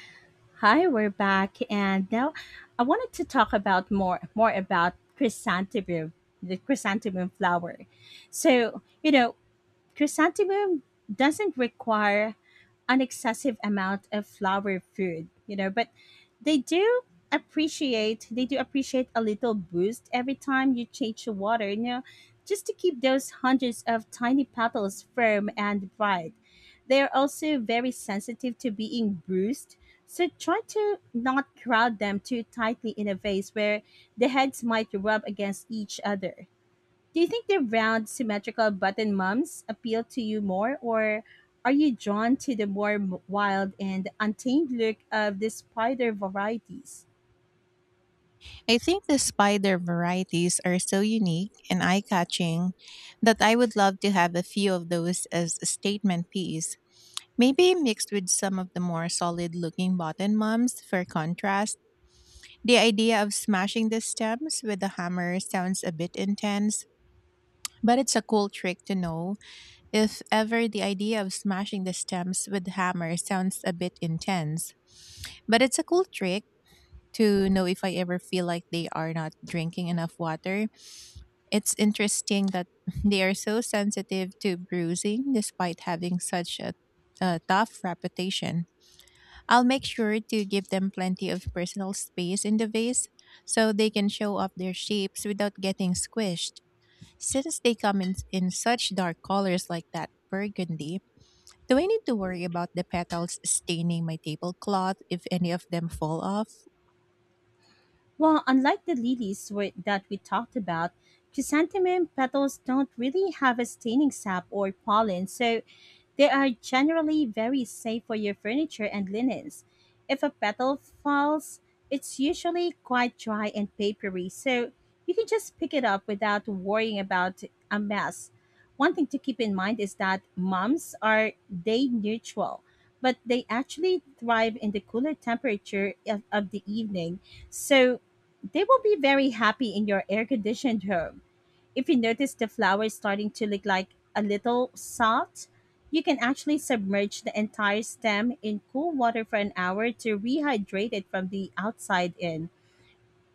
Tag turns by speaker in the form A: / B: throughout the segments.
A: Thank you.
B: Hi, we're back, and now I wanted to talk about more about chrysanthemum, the chrysanthemum flower. So you know, chrysanthemum doesn't require an excessive amount of flower food, you know, but they do they do appreciate a little boost every time you change the water, you know, just to keep those hundreds of tiny petals firm and bright. They are also very sensitive to being bruised, so try to not crowd them too tightly in a vase where the heads might rub against each other. Do you think the round, symmetrical button mums appeal to you more, or are you drawn to the more wild and untamed look of the spider varieties?
A: I think the spider varieties are so unique and eye catching that I would love to have a few of those as a statement piece. Maybe mixed with some of the more solid looking button mums for contrast. The idea of smashing the stems with a hammer sounds a bit intense, but it's a cool trick to know. If ever the idea of smashing the stems with a hammer sounds a bit intense, but it's a cool trick to know if I ever feel like they are not drinking enough water. It's interesting that they are so sensitive to bruising despite having such a tough reputation. I'll make sure to give them plenty of personal space in the vase so they can show off their shapes without getting squished. Since they come in such dark colors like that burgundy, do I need to worry about the petals staining my tablecloth if any of them fall off?
B: Well, unlike the lilies that we talked about, chrysanthemum petals don't really have a staining sap or pollen, so they are generally very safe for your furniture and linens. If a petal falls, it's usually quite dry and papery, so you can just pick it up without worrying about a mess. One thing to keep in mind is that mums are day neutral, but they actually thrive in the cooler temperature of the evening. So they will be very happy in your air conditioned home. If you notice the flower is starting to look like a little salt, you can actually submerge the entire stem in cool water for an hour to rehydrate it from the outside in.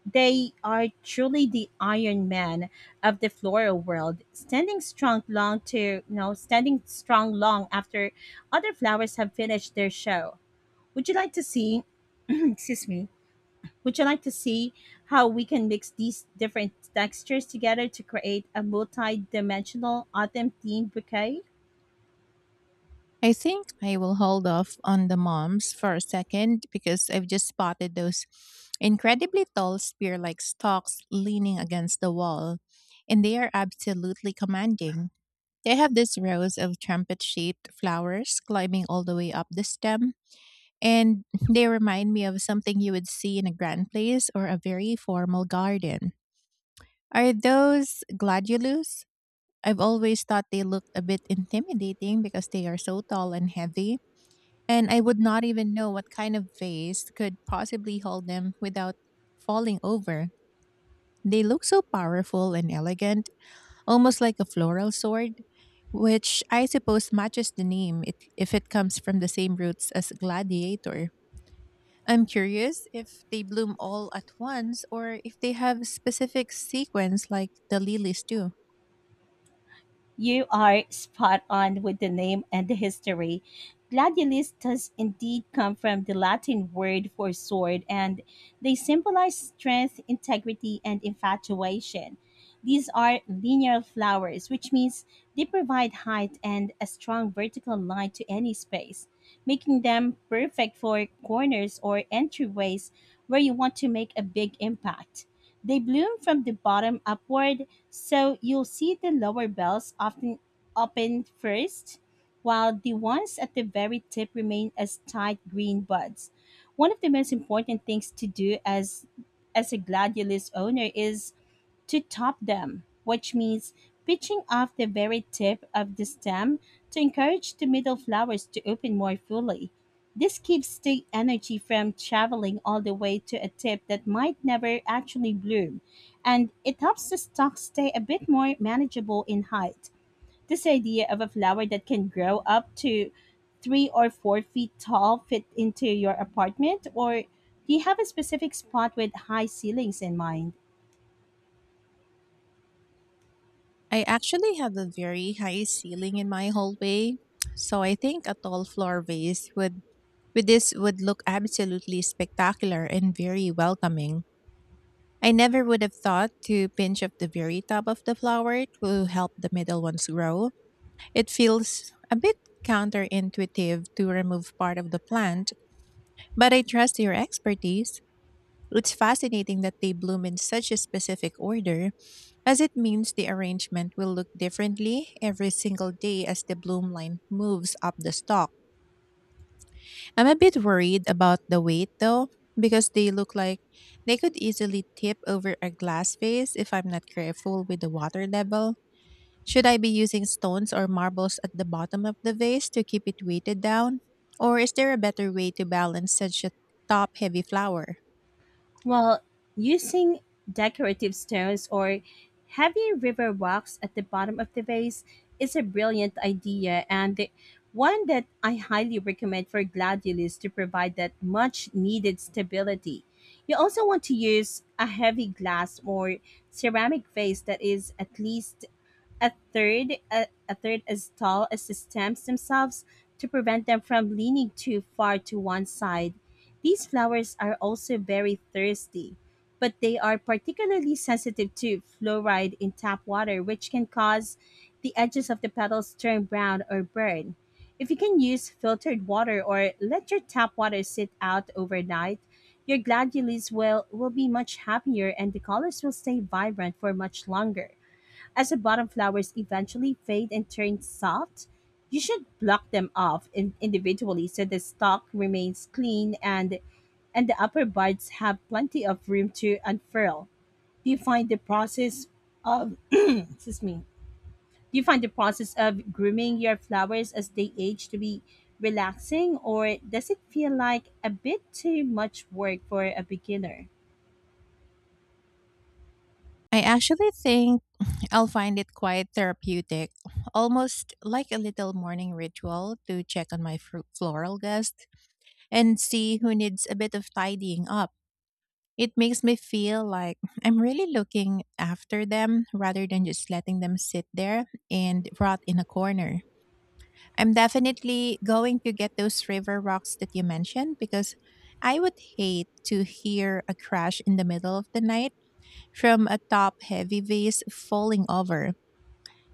B: They are truly the Iron Man of the floral world, standing strong long after other flowers have finished their show. Would you like to see excuse me would you like to see how we can mix these different textures together to create a multi-dimensional autumn themed bouquet?
A: I think I will hold off on the moms for a second because I've just spotted those incredibly tall spear like stalks leaning against the wall, and they are absolutely commanding. They have these rows of trumpet shaped flowers climbing all the way up the stem, and they remind me of something you would see in a grand place or a very formal garden. Are those gladiolus? I've always thought they looked a bit intimidating because they are so tall and heavy, and I would not even know what kind of vase could possibly hold them without falling over. They look so powerful and elegant, almost like a floral sword, which I suppose matches the name if it comes from the same roots as gladiator. I'm curious if they bloom all at once or if they have specific sequence like the lilies do.
B: You are spot on with the name and the history. Gladiolus does indeed come from the Latin word for sword, and they symbolize strength, integrity, and infatuation. These are linear flowers, which means they provide height and a strong vertical line to any space, making them perfect for corners or entryways where you want to make a big impact. They bloom from the bottom upward, so you'll see the lower bells often open first, while the ones at the very tip remain as tight green buds. One of the most important things to do as a gladiolus owner is to top them, which means pitching off the very tip of the stem to encourage the middle flowers to open more fully. This keeps the energy from traveling all the way to a tip that might never actually bloom, and it helps the stock stay a bit more manageable in height. This idea of a flower that can grow up to 3 or 4 feet tall fit into your apartment, or do you have a specific spot with high ceilings in mind?
A: I actually have a very high ceiling in my hallway, so I think a tall floor vase would with this would look absolutely spectacular and very welcoming. I never would have thought to pinch up the very top of the flower to help the middle ones grow. It feels a bit counterintuitive to remove part of the plant, but I trust your expertise. It's fascinating that they bloom in such a specific order, as it means the arrangement will look differently every single day as the bloom line moves up the stalk. I'm a bit worried about the weight though, because they look like they could easily tip over a glass vase if I'm not careful with the water level. Should I be using stones or marbles at the bottom of the vase to keep it weighted down? Or is there a better way to balance such a top heavy flower?
B: Well, using decorative stones or heavy river rocks at the bottom of the vase is a brilliant idea and one that I highly recommend for gladiolus to provide that much needed stability. You also want to use a heavy glass or ceramic vase that is at least a third install stems themselves to prevent them from leaning too far to one side. These flowers are also very thirsty, but they are particularly sensitive to fluoride in tap water, which can cause the edges of the petals to turn brown or burn. If you can use filtered water or let your tap water sit out overnight, your gladiolus will be much happier and the colors will stay vibrant for much longer. As the bottom flowers eventually fade and turn soft, you should block them off individually so the stalk remains clean and the upper buds have plenty of room to unfurl. Do you find the process of excuse me? Do you find the process of grooming your flowers as they age to be relaxing, or does it feel like a bit too much work for a beginner?
A: I actually think I'll find it quite therapeutic, almost like a little morning ritual to check on my floral guest and see who needs a bit of tidying up. It makes me feel like I'm really looking after them rather than just letting them sit there and rot in a corner. I'm definitely going to get those river rocks that you mentioned because I would hate to hear a crash in the middle of the night from a top heavy vase falling over.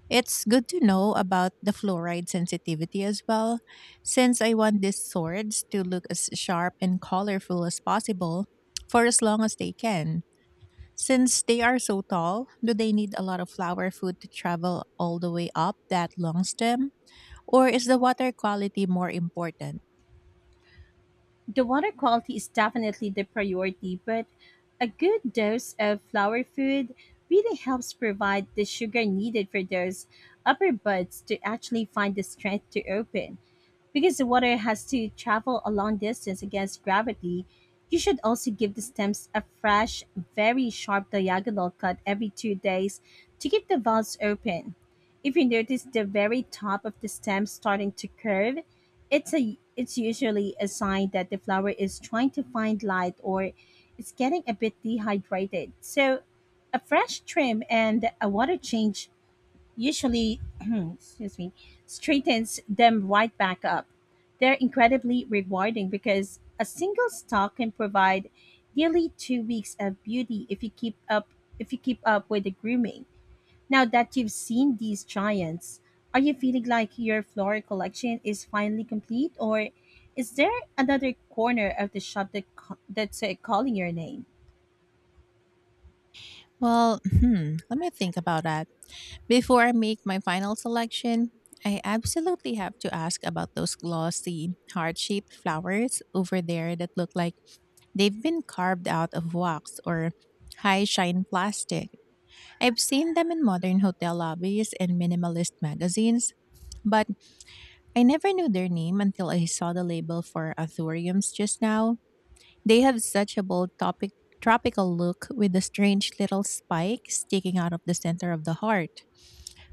A: It's good to know about the fluoride sensitivity as well, since I want these swords to look as sharp and colorful as possible for as long as they can. Since they are so tall, do they need a lot of flower food to travel all the way up that long stem? Or is the water quality more important?
B: The water quality is definitely the priority, but a good dose of flower food really helps provide the sugar needed for those upper buds to actually find the strength to open. Because the water has to travel a long distance against gravity, you should also give the stems a fresh, very sharp diagonal cut every 2 days to keep the valves open. If you notice the very top of the stem starting to curve, it's usually a sign that the flower is trying to find light, or it's getting a bit dehydrated. So a fresh trim and a water change usually excuse me straightens them right back up. They're incredibly rewarding because a single stalk can provide nearly 2 weeks of beauty if you keep up with the grooming. Now that you've seen these giants, are you feeling like your floral collection is finally complete, or is there another corner of the shop that's calling your name?
A: Well, hmm, let me think about that. Before I make my final selection, I absolutely have to ask about those glossy, heart shaped flowers over there that look like they've been carved out of wax or high shine plastic. I've seen them in modern hotel lobbies and minimalist magazines, but I never knew their name until I saw the label for Athuriums just now. They have such a bold topic, tropical look with the strange little spike sticking out of the center of the heart,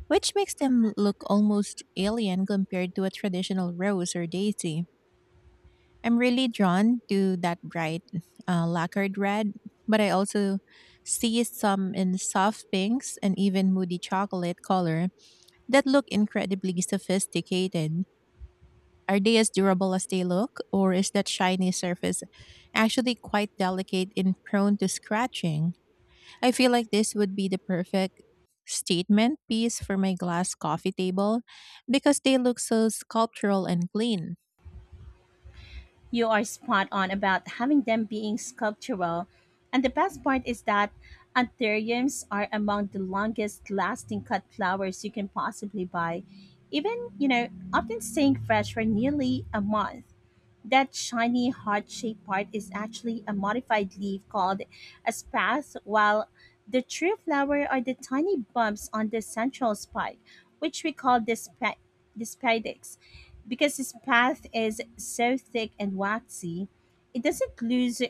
A: which makes them look almost alien compared to a traditional rose or daisy. I'm really drawn to that bright lacquered red, but I also see some in soft pinks and even moody chocolate color that look incredibly sophisticated. Are they as durable as they look, or is that shiny surface actually quite delicate and prone to scratching? I feel like this would be the perfect statement piece for my glass coffee table because they look so sculptural and clean.
B: You are spot on about having them being sculptural, and the best part is that anthuriums are among the longest lasting cut flowers you can possibly buy, even you know, often staying fresh for nearly a month. That shiny heart shaped part is actually a modified leaf called a spathe, while the true flower are the tiny bumps on the central spike, which we call the spadix. Because the spathe is so thick and waxy,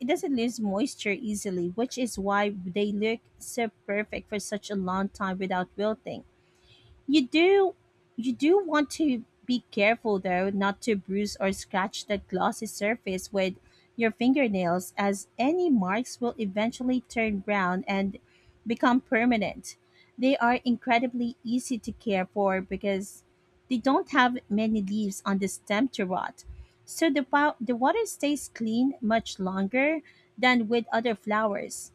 B: it doesn't lose moisture easily, which is why they look so perfect for such a long time without wilting. You do you do want to be careful though not to bruise or scratch that glossy surface with your fingernails, as any marks will eventually turn brown and become permanent. They are incredibly easy to care for because they don't have many leaves on the stem to rot. So the water stays clean much longer than with other flowers.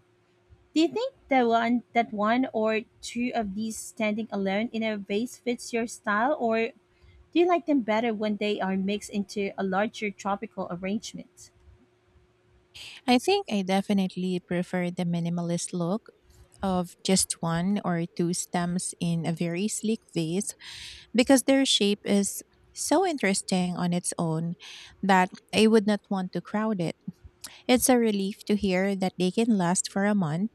B: Do you think that one or two of these standing alone in a vase fits your style, or do you like them better when they are mixed into a larger tropical arrangement?
A: I think I definitely prefer the minimalist look of just one or two stems in a very sleek vase because their shape is so interesting on its own that I would not want to crowd it. It's a relief to hear that they can last for a month,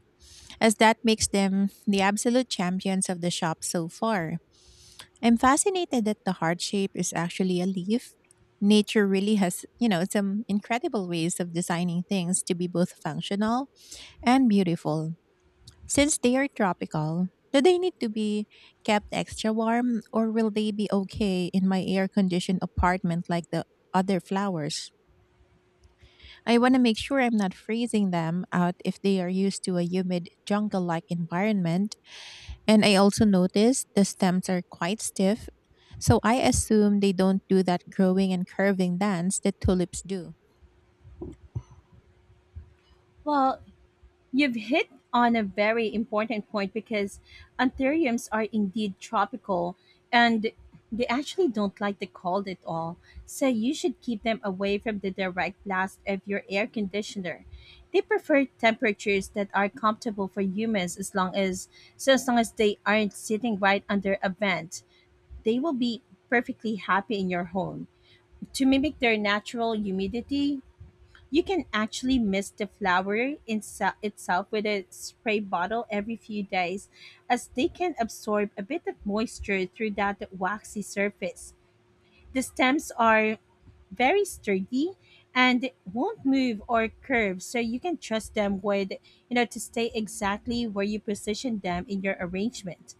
A: as that makes them the absolute champions of the shop so far. I'm fascinated that the heart shape is actually a leaf. Nature really has some incredible ways of designing things to be both functional and beautiful. Since they are tropical, do they need to be kept extra warm, or will they be okay in my air conditioned apartment like the other flowers? I want to make sure I'm not freezing them out if they are used to a humid jungle like environment, and I also noticed the stems are quite stiff, so I assume they don't do that growing and curving dance that tulips do.
B: Well, you've hit on a very important point because anthuriums are indeed tropical, and they actually don't like the cold at all. So you should keep them away from the direct blast of your air conditioner. They prefer temperatures that are comfortable for humans, as long as so as long as they aren't sitting right under a vent, they will be perfectly happy in your home. To mimic their natural humidity, you can actually mist the flower itself with a spray bottle every few days, as they can absorb a bit of moisture through that waxy surface. The stems are very sturdy and won't move or curve, so you can trust them with, you know, to stay exactly where you position them in your arrangement.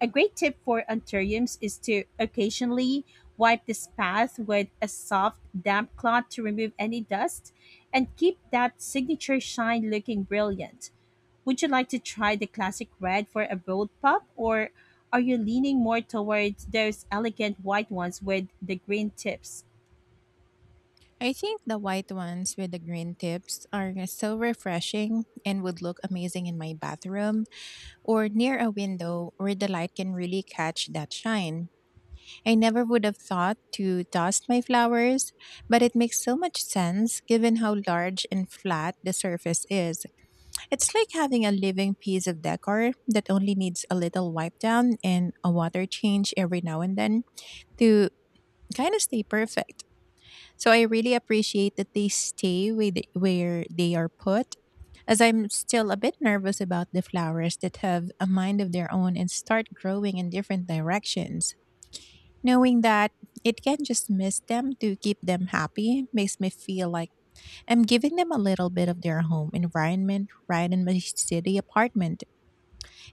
B: A great tip for anthuriums is to occasionally wipe this path with a soft damp cloth to remove any dust and keep that signature shine looking brilliant. Would you like to try the classic red for a bold pop, or are you leaning more towards those elegant white ones with the green tips?
A: I think the white ones with the green tips are so refreshing and would look amazing in my bathroom or near a window where the light can really catch that shine. I never would have thought to dust my flowers, but it makes so much sense given how large and flat the surface is. It's like having a living piece of decor that only needs a little wipe down and a water change every now and then to kind of stay perfect. So I really appreciate that they stay with where they are put, as I'm still a bit nervous about the flowers that have a mind of their own and start growing in different directions. Knowing that it can just miss them to keep them happy makes me feel like I'm giving them a little bit of their home environment right in my city apartment.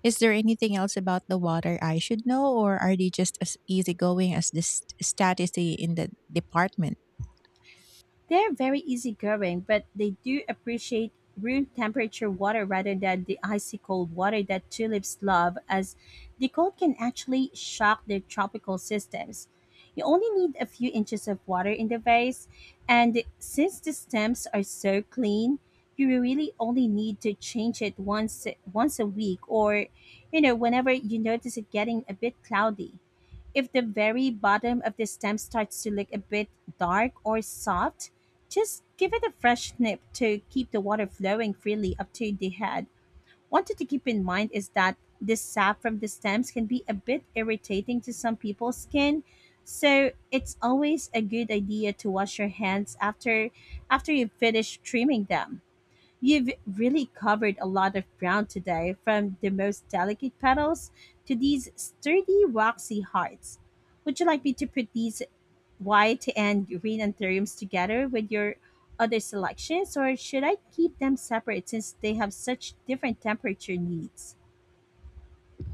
A: Is there anything else about the water I should know, or are they just as easygoing as the staticity in the department?
B: They're very easygoing, but they do appreciate room temperature water rather than the icy cold water that tulips love, as the cold can actually shock their tropical systems. You only need a few inches of water in the vase, and since the stems are so clean, you really only need to change it once a week, or you know, whenever you notice it getting a bit cloudy. If the very bottom of the stem starts to look a bit dark or soft, just give it a fresh snip to keep the water flowing freely up to the head. One thing to keep in mind is that the sap from the stems can be a bit irritating to some people's skin, so it's always a good idea to wash your hands after you finish trimming them. You've really covered a lot of ground today, from the most delicate petals to these sturdy, waxy hearts. Would you like me to put these white and green anthuriums together with your other selections, or should I keep them separate since they have such different temperature needs?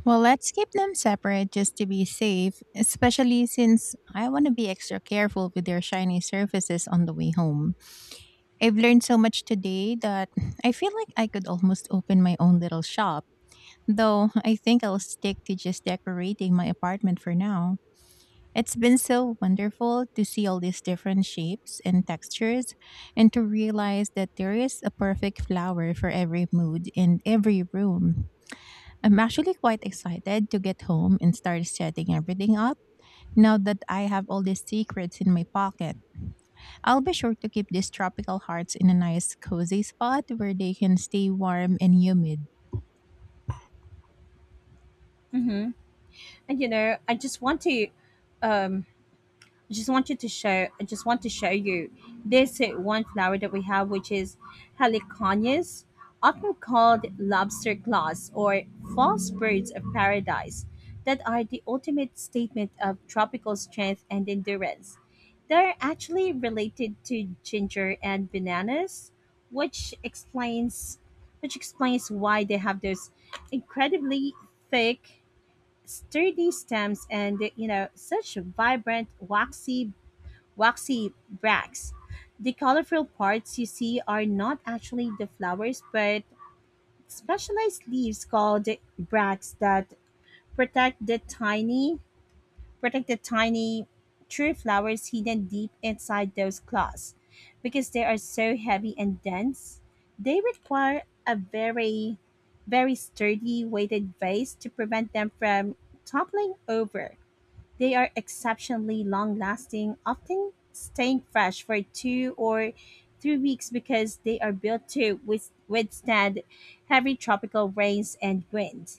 A: Well, let's keep them separate just to be safe, especially since I want to be extra careful with their shiny surfaces on the way home. I've learned so much today that I feel like I could almost open my own little shop. Though I think I'll stick to just decorating my apartment for now. It's been so wonderful to see all these different shapes and textures and to realize that there is a perfect flower for every mood in every room. I'm actually quite excited to get home and start setting everything up now that I have all these secrets in my pocket. I'll be sure to keep these tropical hearts in a nice cozy spot where they can stay warm and humid.
B: Hmm. And you know, I just want to um, I just want you to show. I just want to show you this one flower that we have, which is heliconias, often called lobster claws or false birds of paradise, that are the ultimate statement of tropical strength and endurance. They're actually related to ginger and bananas, which explains why they have those incredibly thick sturdy stems, and you know, such vibrant waxy bracts. The colorful parts you see are not actually the flowers, but specialized leaves called bracts that protect the tiny protect the tiny true flowers hidden deep inside those clods. Because they are so heavy and dense, they require a very sturdy weighted vase to prevent them from toppling over. They are exceptionally long lasting, often staying fresh for 2 or 3 weeks because they are built to withstand heavy tropical rains and wind.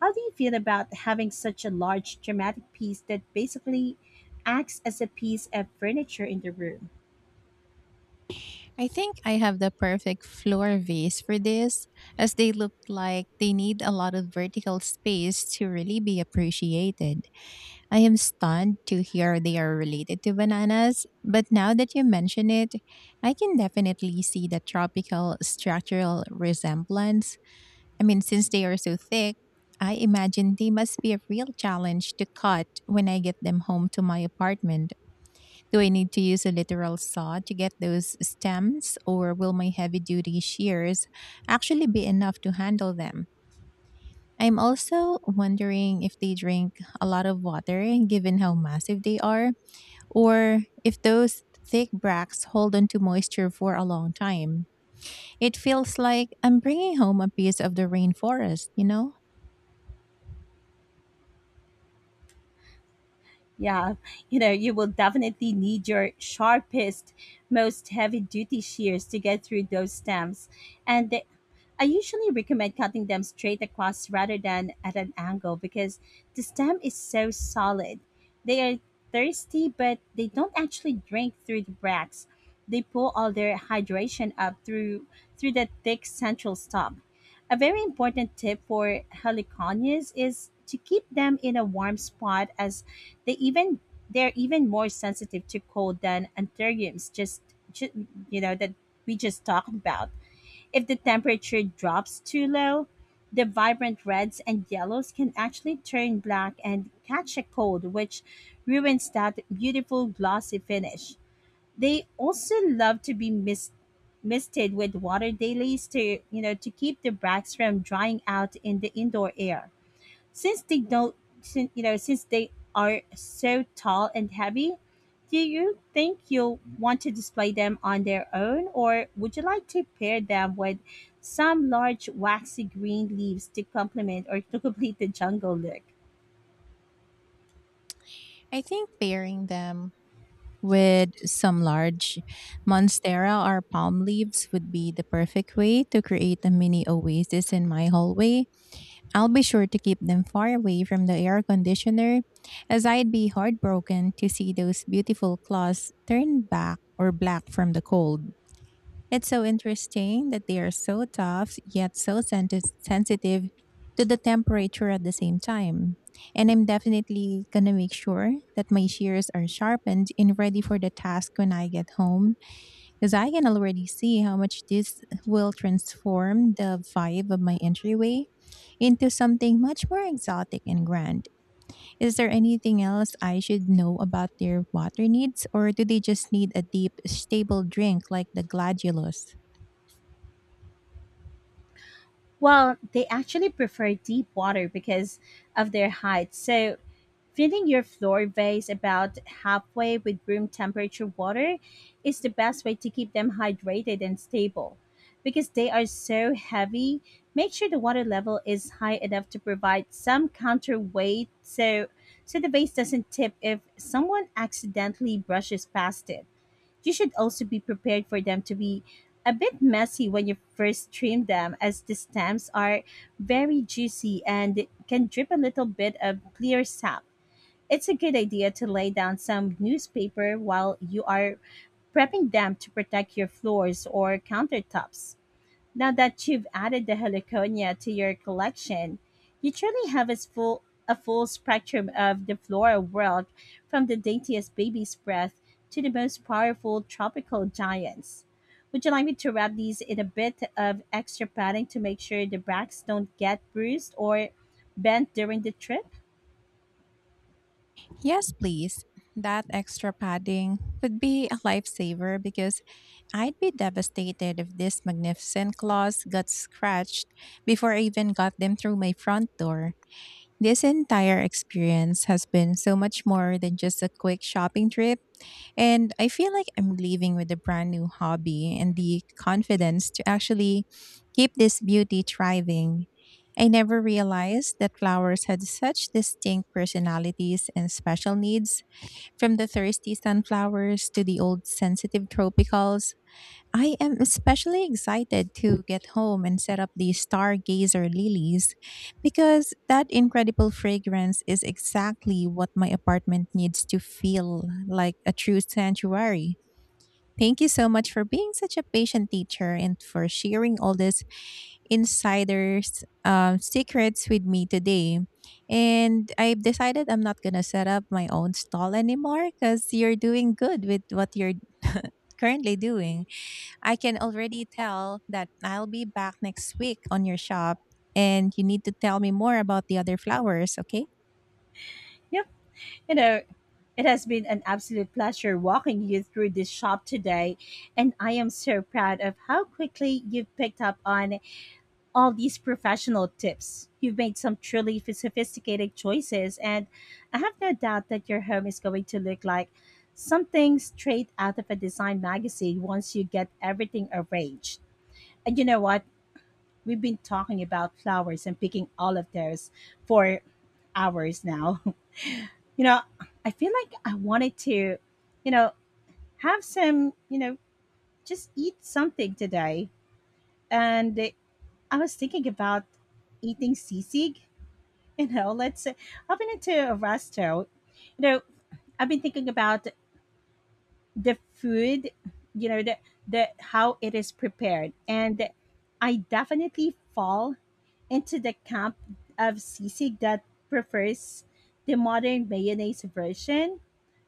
B: How do you feel about having such a large dramatic piece that basically acts as a piece of furniture in the room?
A: I think I have the perfect floor vase for this, as they look like they need a lot of vertical space to really be appreciated. I am stunned to hear they are related to bananas, but now that you mention it, I can definitely see the tropical structural resemblance. I mean, since they are so thick, I imagine they must be a real challenge to cut when I get them home to my apartment. Do I need to use a literal saw to get those stems, or will my heavy duty shears actually be enough to handle them? I'm also wondering if they drink a lot of water given how massive they are, or if those thick bracts hold onto moisture for a long time. It feels like I'm bringing home a piece of the rainforest, you know?
B: Yeah, you know, you will definitely need your sharpest, most heavy duty shears to get through those stems. And I usually recommend cutting them straight across rather than at an angle because the stem is so solid. They are thirsty, but they don't actually drink through the bracts. They pull all their hydration up through the thick central stalk. A very important tip for heliconias is to keep them in a warm spot as they even they're even more sensitive to cold than anthuriums just you know that we just talked about. If the temperature drops too low, the vibrant reds and yellows can actually turn black and catch a cold, which ruins that beautiful glossy finish. They also love to be misted with water dailies to to keep the bracts from drying out in the indoor air. Since they don't, sin- since they are so tall and heavy, do you think you'll want to display them on their own, or would you like to pair them with some large waxy green leaves to complement or to complete the jungle look?
A: I think pairing them with some large monstera or palm leaves would be the perfect way to create a mini oasis in my hallway. I'll be sure to keep them far away from the air conditioner, as I'd be heartbroken to see those beautiful cloths turn back or black from the cold. It's so interesting that they are so tough yet so sensitive to the temperature at the same time. And I'm definitely gonna make sure that my shears are sharpened and ready for the task when I get home, because I can already see how much this will transform the vibe of my entryway into something much more exotic and grand. Is there anything else I should know about their water needs, or do they just need a deep, stable drink like the gladiolus?
B: Well, they actually prefer deep water because of their height, so filling your floor vase about halfway with room temperature water is the best way to keep them hydrated and stable. Because they are so heavy, make sure the water level is high enough to provide some counterweight so the vase doesn't tip if someone accidentally brushes past it. You should also be prepared for them to be a bit messy when you first trim them as the stems are very juicy and can drip a little bit of clear sap. It's a good idea to lay down some newspaper while you are prepping them to protect your floors or countertops. Now that you've added the heliconia to your collection, you truly have a full spectrum of the floral world, from the daintiest baby's breath to the most powerful tropical giants. Would you like me to wrap these in a bit of extra padding to make sure the bracts don't get bruised or bent during the trip?
A: Yes, please. That extra padding would be a lifesaver because I'd be devastated if these magnificent claws got scratched before I even got them through my front door. This entire experience has been so much more than just a quick shopping trip. And I feel like I'm leaving with a brand new hobby and the confidence to actually keep this beauty thriving. I never realized that flowers had such distinct personalities and special needs, from the thirsty sunflowers to the old sensitive tropicals. I am especially excited to get home and set up the stargazer lilies because that incredible fragrance is exactly what my apartment needs to feel like a true sanctuary. Thank you so much for being such a patient teacher and for sharing all these insiders' secrets with me today. And I've decided I'm not going to set up my own stall anymore because you're doing good with what you're currently doing. I can already tell that I'll be back next week on your shop, and you need to tell me more about the other flowers, okay?
B: Yep. You know, it has been an absolute pleasure walking you through this shop today, and I am so proud of how quickly you've picked up on all these professional tips. You've made some truly sophisticated choices, and I have no doubt that your home is going to look like something straight out of a design magazine once you get everything arranged. And you know what? We've been talking about flowers and picking all of those for hours now. You know, I feel like I wanted to, you know, have some, just eat something today. And I was thinking about eating sisig. You know, let's say I've been into a resto. You know, I've been thinking about the food, you know, the, the how it is prepared. And I definitely fall into the camp of sisig that prefers the modern mayonnaise version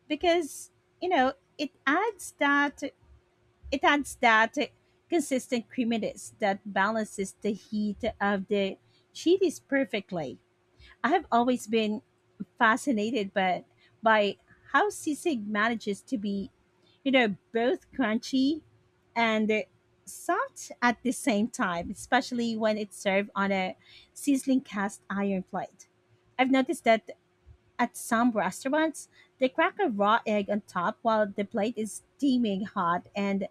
B: because you know it adds that it adds that consistent creaminess that balances the heat of the chilies perfectly. I have always been fascinated by how sisig manages to be, you know, both crunchy and soft at the same time, especially when it's served on a sizzling cast iron plate. I've noticed that at some restaurants, they crack a raw egg on top while the plate is steaming hot, and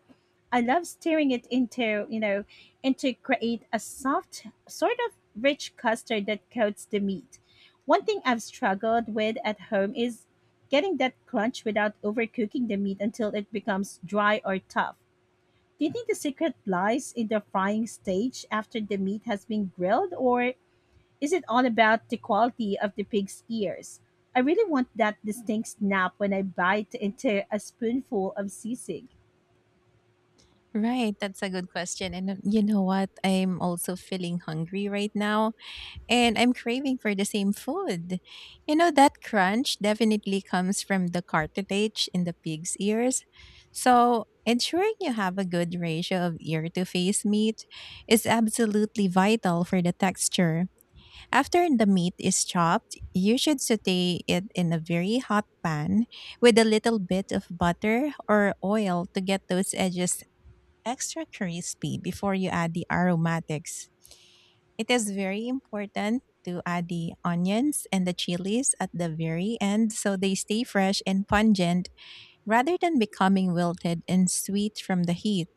B: I love stirring it into, and to create a soft sort of rich custard that coats the meat. One thing I've struggled with at home is getting that crunch without overcooking the meat until it becomes dry or tough. Do you think the secret lies in the frying stage after the meat has been grilled, or is it all about the quality of the pig's ears? I really want that distinct snap when I bite into a spoonful of sisig.
A: Right, that's a good question. And you know what? I'm also feeling hungry right now, and I'm craving for the same food. You know, that crunch definitely comes from the cartilage in the pig's ears. So, ensuring you have a good ratio of ear to face meat is absolutely vital for the texture. After the meat is chopped, you should saute it in a very hot pan with a little bit of butter or oil to get those edges extra crispy before you add the aromatics. It is very important to add the onions and the chilies at the very end so they stay fresh and pungent rather than becoming wilted and sweet from the heat.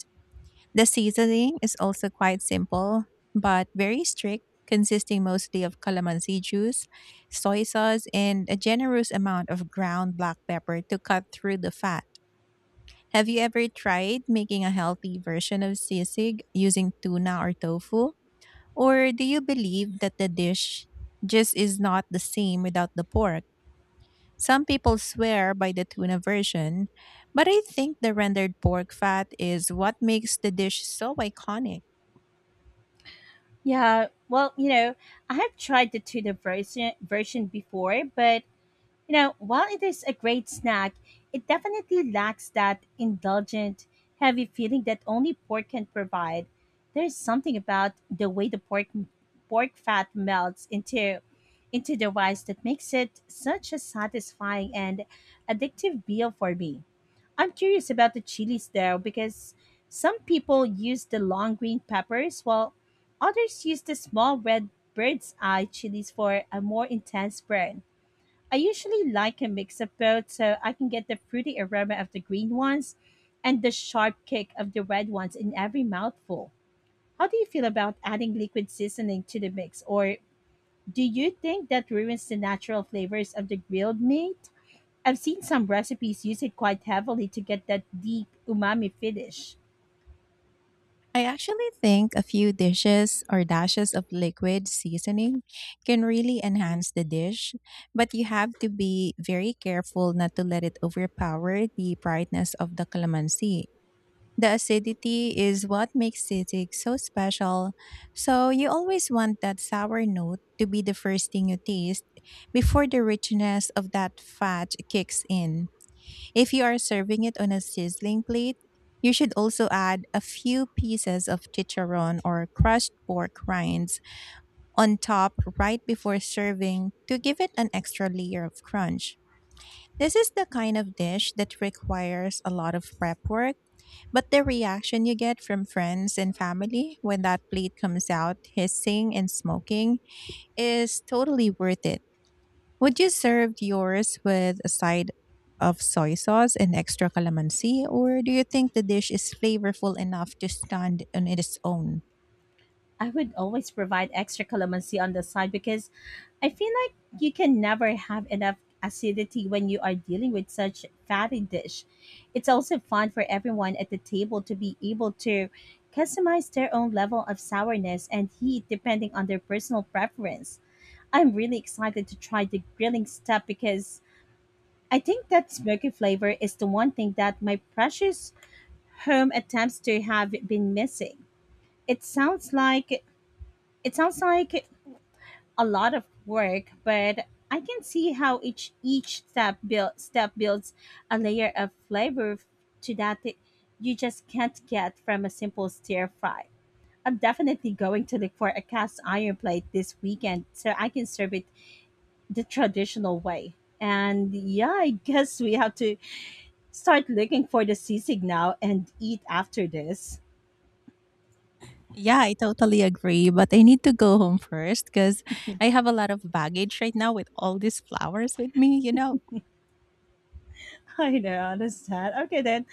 A: The seasoning is also quite simple, but very strict, consisting mostly of calamansi juice, soy sauce, and a generous amount of ground black pepper to cut through the fat. Have you ever tried making a healthy version of sisig using tuna or tofu? Or do you believe that the dish just is not the same without the pork? Some people swear by the tuna version, but I think the rendered pork fat is what makes the dish so iconic.
B: Yeah, well, you know, I have tried the tuna version before, but you know, while it is a great snack, it definitely lacks that indulgent, heavy feeling that only pork can provide. There's something about the way the pork fat melts into the rice that makes it such a satisfying and addictive meal for me. I'm curious about the chilies though, because some people use the long green peppers while others use the small red bird's eye chilies for a more intense burn. I usually like a mix of both so I can get the fruity aroma of the green ones and the sharp kick of the red ones in every mouthful. How do you feel about adding liquid seasoning to the mix, or do you think that ruins the natural flavors of the grilled meat? I've seen some recipes use it quite heavily to get that deep umami finish.
A: I actually think a few dishes or dashes of liquid seasoning can really enhance the dish, but you have to be very careful not to let it overpower the brightness of the calamansi. The acidity is what makes sisig so special, so you always want that sour note to be the first thing you taste before the richness of that fat kicks in. If you are serving it on a sizzling plate, you should also add a few pieces of chicharron or crushed pork rinds on top right before serving to give it an extra layer of crunch. This is the kind of dish that requires a lot of prep work, but the reaction you get from friends and family when that plate comes out hissing and smoking is totally worth it. Would you serve yours with a side of soy sauce and extra calamansi, or do you think the dish is flavorful enough to stand on its own?
B: I would always provide extra calamansi on the side because I feel like you can never have enough acidity when you are dealing with such fatty dish. It's also fun for everyone at the table to be able to customize their own level of sourness and heat depending on their personal preference. I'm really excited to try the grilling step because I think that smoky flavor is the one thing that my precious home attempts to have been missing. It sounds like it sounds like a lot of work, but I can see how each step builds a layer of flavor to that it- you just can't get from a simple stir fry. I'm definitely going to look for a cast iron plate this weekend so I can serve it the traditional way. And yeah, I guess we have to start looking for the sisig now and eat after this.
A: Yeah, I totally agree, but I need to go home first because I have a lot of baggage right now with all these flowers with me, you know.
B: I know, I understand. Okay then.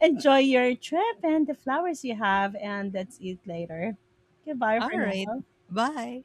B: Enjoy your trip and the flowers you have, and let's eat later. Goodbye
A: All
B: for
A: right,
B: now.
A: bye.